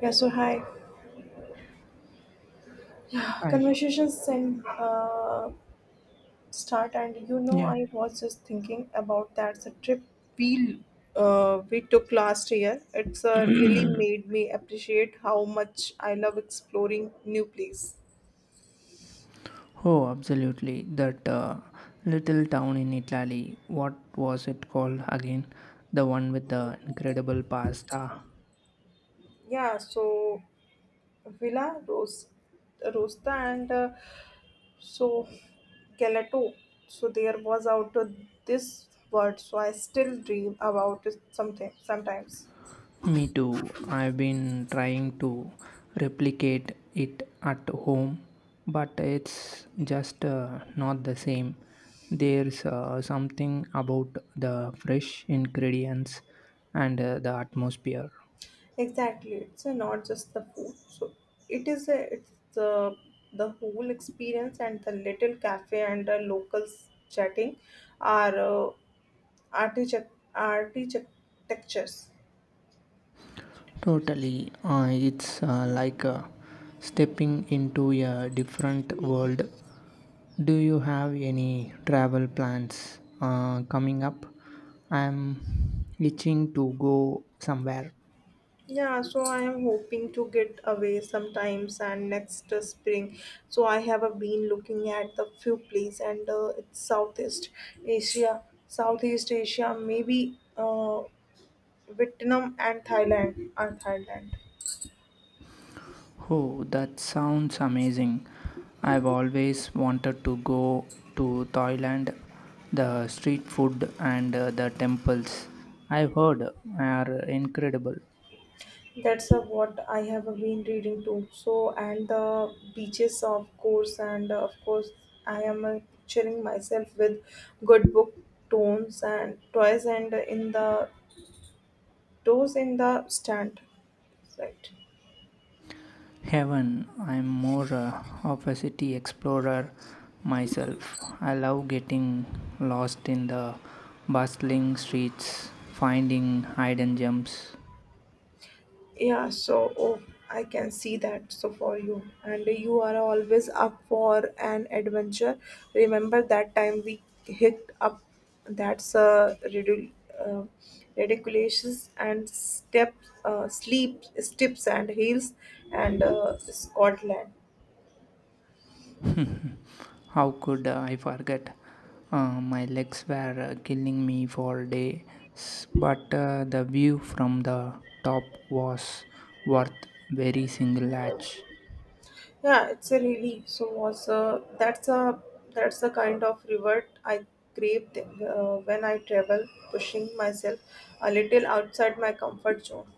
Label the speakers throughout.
Speaker 1: Yeah, so hi. Yeah,
Speaker 2: Hi.
Speaker 1: conversations then start, and
Speaker 2: Yeah.
Speaker 1: I was just thinking about that the trip we we took last year. It's really made me appreciate how much I love exploring new place.
Speaker 2: Oh, absolutely. That little town in Italy, what was it called again? The one with the incredible pasta.
Speaker 1: Yeah, so Villa Rosta and so Galato. So there was out of this word. So I still dream about it something sometimes.
Speaker 2: Me too. I've been trying to replicate it at home, but it's just not the same. There's something about the fresh ingredients and the atmosphere.
Speaker 1: Exactly, it's not just the food. So it's the whole experience and the little cafe and the locals chatting are architectures.
Speaker 2: Totally. It's like stepping into a different world. Do you have any travel plans coming up? I'm itching to go somewhere.
Speaker 1: Yeah, so I am hoping to get away sometimes and next spring. So I have been looking at the few places and it's Southeast Asia, maybe Vietnam and Thailand.
Speaker 2: Oh, that sounds amazing. I've always wanted to go to Thailand. The street food and the temples I've heard are incredible.
Speaker 1: That's what I have been reading too. So, and the beaches, of course, and of course, I am picturing myself with good book tones and toys and in the toes in the stand. Right.
Speaker 2: Heaven, I'm more of a city explorer myself. I love getting lost in the bustling streets, finding hidden gems.
Speaker 1: Yeah, so oh, I can see that. So for you, and you are always up for an adventure. Remember that time we hit up that's a uh, ridiculous and step sleep steps and heels and Scotland.
Speaker 2: How could I forget? My legs were killing me for days, but the view from the top was worth every single latch.
Speaker 1: Yeah, it's a really so was that's the kind of reward I crave when I travel, pushing myself a little outside my comfort zone.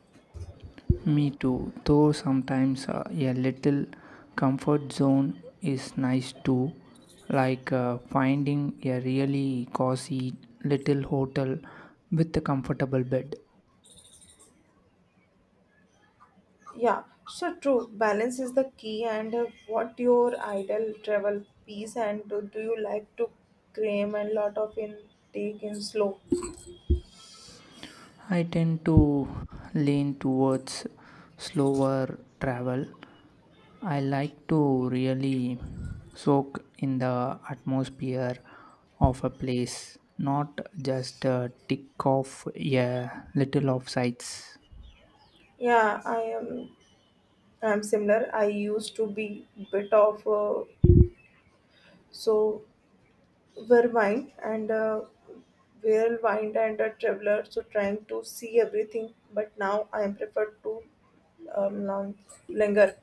Speaker 2: Me too, though sometimes a little comfort zone is nice too, like finding a really cozy little hotel with a comfortable bed.
Speaker 1: Yeah, so true. Balance is the key. And what your ideal travel piece and do you like to cram and lot of intake in slow?
Speaker 2: I tend to lean towards slower travel. I like to really soak in the atmosphere of a place, not just tick off a little of sights.
Speaker 1: Yeah, I am. I'm similar. I used to be bit of so vermind and uh, vermind and a traveler. So trying to see everything, but now I am preferred to um, long- linger.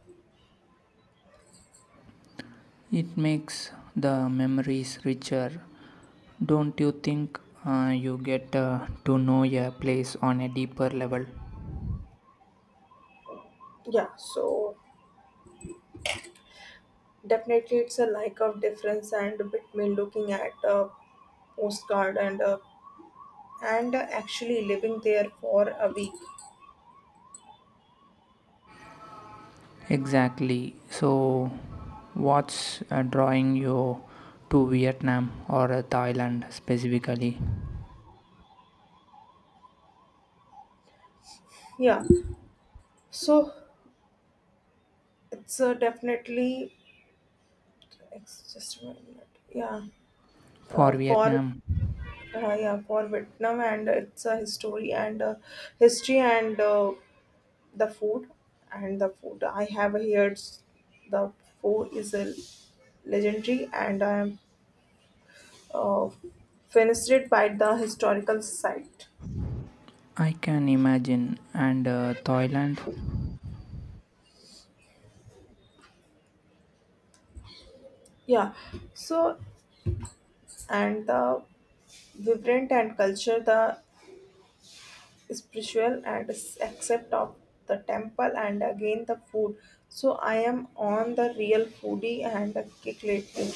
Speaker 2: It makes the memories richer. Don't you think you get to know a place on a deeper level?
Speaker 1: Yeah, so definitely, it's a lack of difference and between looking at a postcard and actually living there for a week.
Speaker 2: Exactly. So, what's drawing you to Vietnam or Thailand specifically?
Speaker 1: Yeah, so it's definitely it's just 1 minute. Yeah, uh,
Speaker 2: For
Speaker 1: for
Speaker 2: Vietnam,
Speaker 1: yeah for Vietnam and it's a history and the food the food I have here. It's, the food is a legendary and I am uh, fenestrated by the historical site.
Speaker 2: I can imagine, and Thailand,
Speaker 1: Yeah, so and the vibrant and culture, the spiritual and accept of the temple, and again the food. So I am on the real foodie and a kick lately.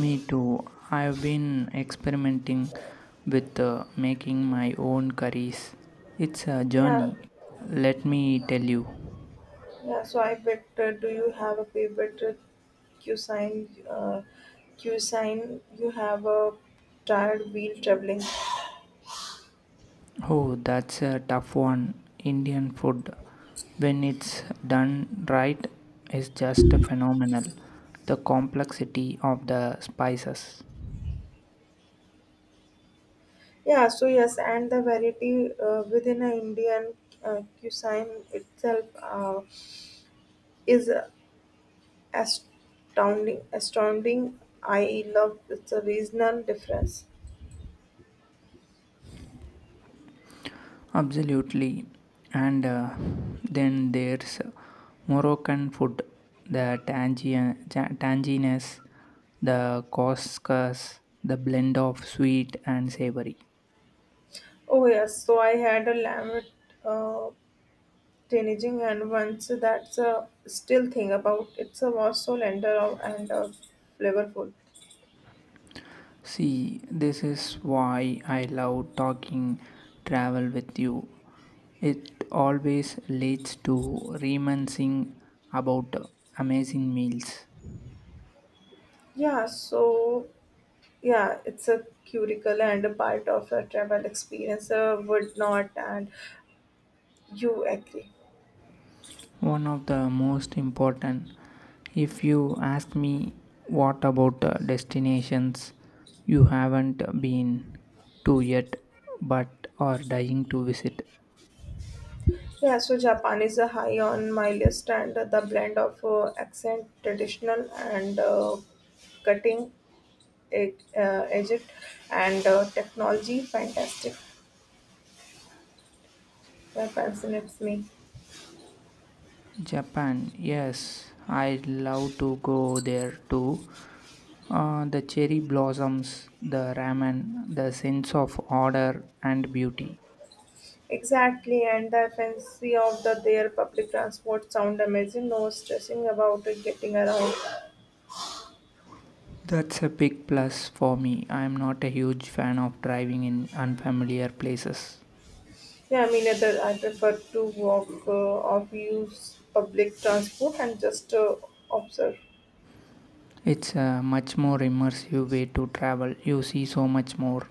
Speaker 2: me too. I've been experimenting with making my own curries. It's a
Speaker 1: Yeah,
Speaker 2: journey, let me tell you.
Speaker 1: yeah. So I bet. Do you have a favorite cuisine? Cuisine you have a tired wheel traveling.
Speaker 2: Oh, that's a tough one. Indian food, when it's done right, is just phenomenal. The complexity of the spices.
Speaker 1: Yeah, so yes, and the variety within a Indian cuisine itself is astounding. Astounding, I love it's a regional difference.
Speaker 2: Absolutely. And then there's Moroccan food, the tangy, tanginess, the couscous, the blend of sweet and savory.
Speaker 1: Oh yes, so I had a lamb with uh, teenaging and once that's a still thing about it's a was so tender and flavorful.
Speaker 2: See, this is why I love talking travel with you. It always leads to reminiscing about amazing meals.
Speaker 1: Yeah, so yeah, it's a curricular and a part of a travel experience. Would not and you agree?
Speaker 2: One of the most important, if you ask me, what about destinations you haven't been to yet but are dying to visit?
Speaker 1: Yeah, so Japan is high on my list, and the blend of accent, traditional, and cutting edge and technology, fantastic. That fascinates me.
Speaker 2: Japan, yes, I'd love to go there too. The cherry blossoms, the ramen, the sense of order and beauty.
Speaker 1: Exactly, and the fancy of their public transport sound amazing. No stressing about it getting around.
Speaker 2: That's a big plus for me. I'm not a huge fan of driving in unfamiliar places.
Speaker 1: Yeah, I mean, either I prefer to walk or use public transport and just observe.
Speaker 2: It's a much more immersive way to travel. You see so much more.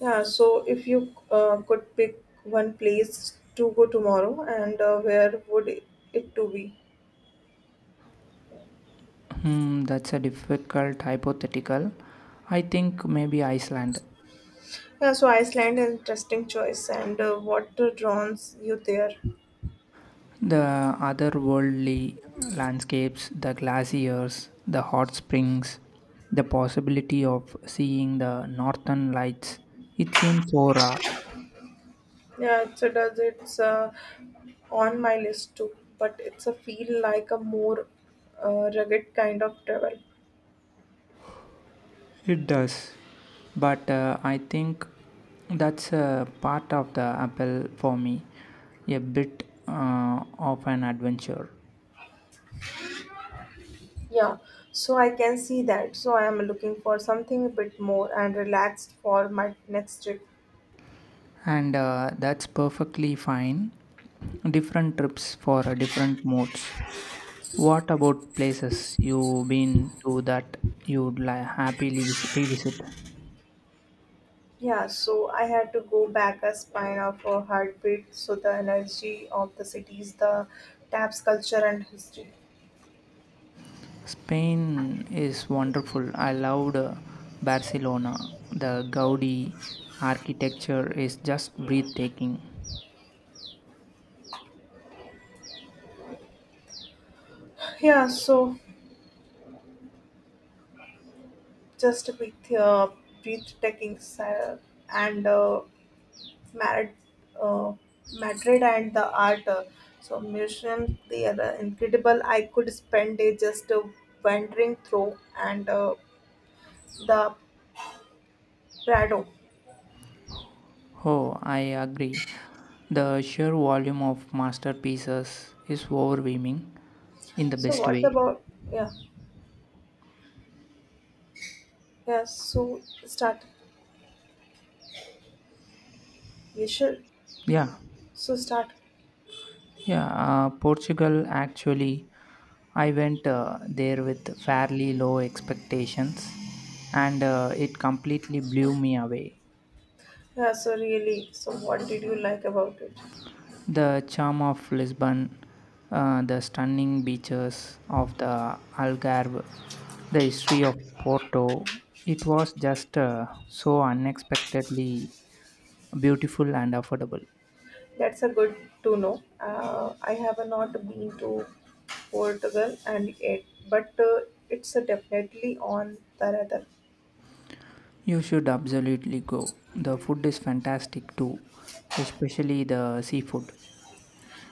Speaker 1: Yeah, so if you could pick one place to go tomorrow, and where would it to be?
Speaker 2: Hmm, that's a difficult hypothetical. I think maybe Iceland.
Speaker 1: Yeah, so Iceland is interesting choice, and what draws you there?
Speaker 2: The otherworldly landscapes, the glaciers, the hot springs, the possibility of seeing the northern lights, it seems so raw.
Speaker 1: Yeah, it's a, does it's on my list too, but it's a feel like a more rugged kind of travel.
Speaker 2: It does. But I think that's a part of the appeal for me, a bit of an adventure.
Speaker 1: Yeah, so I can see that. So I am looking for something a bit more and relaxed for my next trip.
Speaker 2: And that's perfectly fine. Different trips for different moods. What about places you've been to that happily revisit?
Speaker 1: Yeah, so I had to go back a spine of a heartbeat. So the energy of the cities, the taps, culture, and history.
Speaker 2: Spain is wonderful. I loved Barcelona. The Gaudi architecture is just breathtaking.
Speaker 1: Yeah, so just with bit breathtaking and Madrid, uh, Madrid and the art. So museum, they are incredible. I could spend day just wandering through and the Prado.
Speaker 2: Oh, I agree. The sheer volume of masterpieces is overwhelming in the
Speaker 1: So
Speaker 2: best
Speaker 1: what's
Speaker 2: way.
Speaker 1: about yeah yeah so start. You should
Speaker 2: Yeah,
Speaker 1: so start.
Speaker 2: Yeah, Portugal actually. I went there with fairly low expectations and it completely blew me away.
Speaker 1: Yeah, so really, so what did you like about it?
Speaker 2: The charm of Lisbon, the stunning beaches of the Algarve, the history of Porto, it was just so unexpectedly beautiful and affordable.
Speaker 1: That's a good to know. I have not been to Portugal and yet, but it's definitely on the radar.
Speaker 2: You should absolutely go. The food is fantastic too, especially the seafood.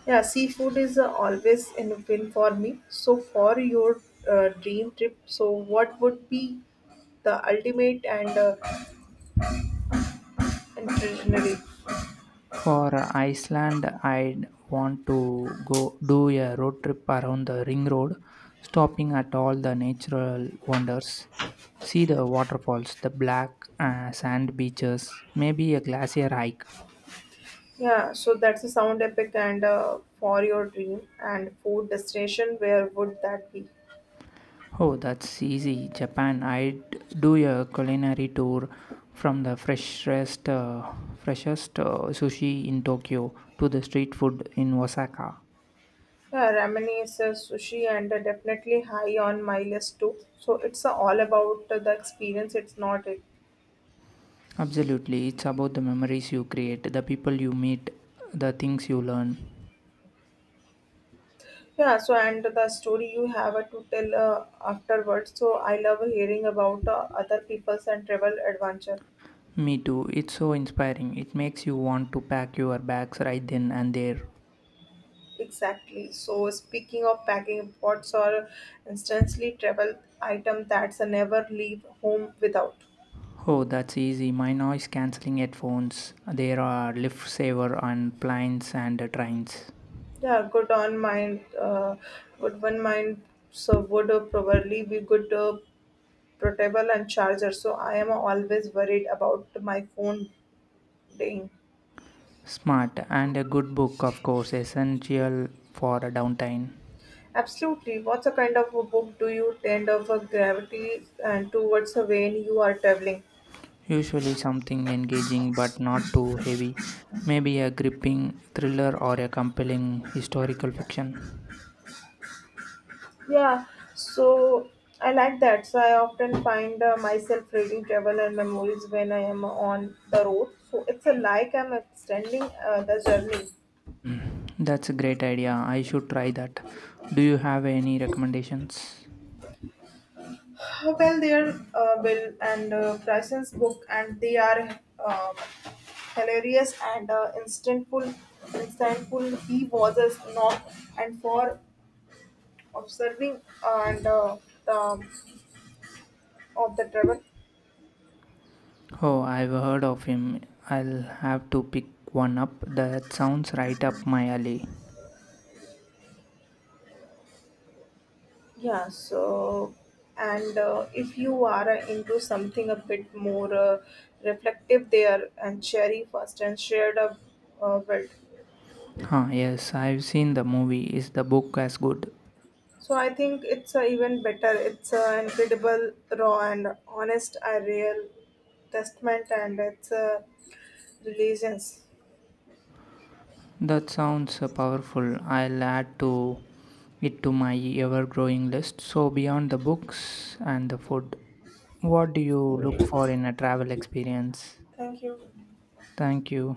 Speaker 1: Yeah, seafood is always in win for me. So for your dream trip, so what would be the ultimate and traditionally?
Speaker 2: For Iceland, I'd want to go do a road trip around the ring road, stopping at all the natural wonders. See the waterfalls, the black sand beaches, maybe a glacier hike.
Speaker 1: Yeah, so that's a sound epic and for your dream and food destination, where would that be?
Speaker 2: Oh, that's easy. Japan, I'd do a culinary tour from the freshest sushi in Tokyo to the street food in Osaka.
Speaker 1: Yeah, ramen is a sushi and definitely high on my list too. So it's all about the experience. It's not it.
Speaker 2: Absolutely, it's about the memories you create, the people you meet, the things you learn.
Speaker 1: Yeah. So and the story you have to tell afterwards. So I love hearing about other people's and travel adventure.
Speaker 2: Me too, it's so inspiring. It makes you want to pack your bags right then and there.
Speaker 1: Exactly. So speaking of packing, what's or instantly travel item that's a never leave home without?
Speaker 2: Oh, that's easy. My noise cancelling headphones. There are Liftsaver on planes and trains.
Speaker 1: Yeah, good on mind. Good one mind. So would probably be good. Portable and charger so I am always worried about my phone dying.
Speaker 2: Smart and a good book, of course, essential for a downtime.
Speaker 1: Absolutely, what's a kind of a book do you tend of a gravity and towards a when you are traveling?
Speaker 2: Usually something engaging but not too heavy. Maybe a gripping thriller or a compelling historical fiction.
Speaker 1: Yeah, so I like that, so I often find myself reading travel and memories when I am on the road, so it's a like I'm extending the journey.
Speaker 2: That's a great idea. I should try that. Do you have any recommendations?
Speaker 1: Well, they are well and Bryson's book and they are hilarious and insightful. He was a snob, and for observing and the of the travel.
Speaker 2: Oh, I've heard of him. I'll have to pick one up. That sounds right up my alley.
Speaker 1: Yeah. So, and if you are into something a bit more reflective, there and cherry first and shared a build.
Speaker 2: Huh, yes, I've seen the movie. Is the book as good?
Speaker 1: So I think it's even better. It's incredible, raw, and honest, a real testament, and it's a religions.
Speaker 2: That sounds powerful. I'll add to it to my ever-growing list. So beyond the books and the food, what do you look for in a travel experience?
Speaker 1: Thank you.
Speaker 2: Thank you.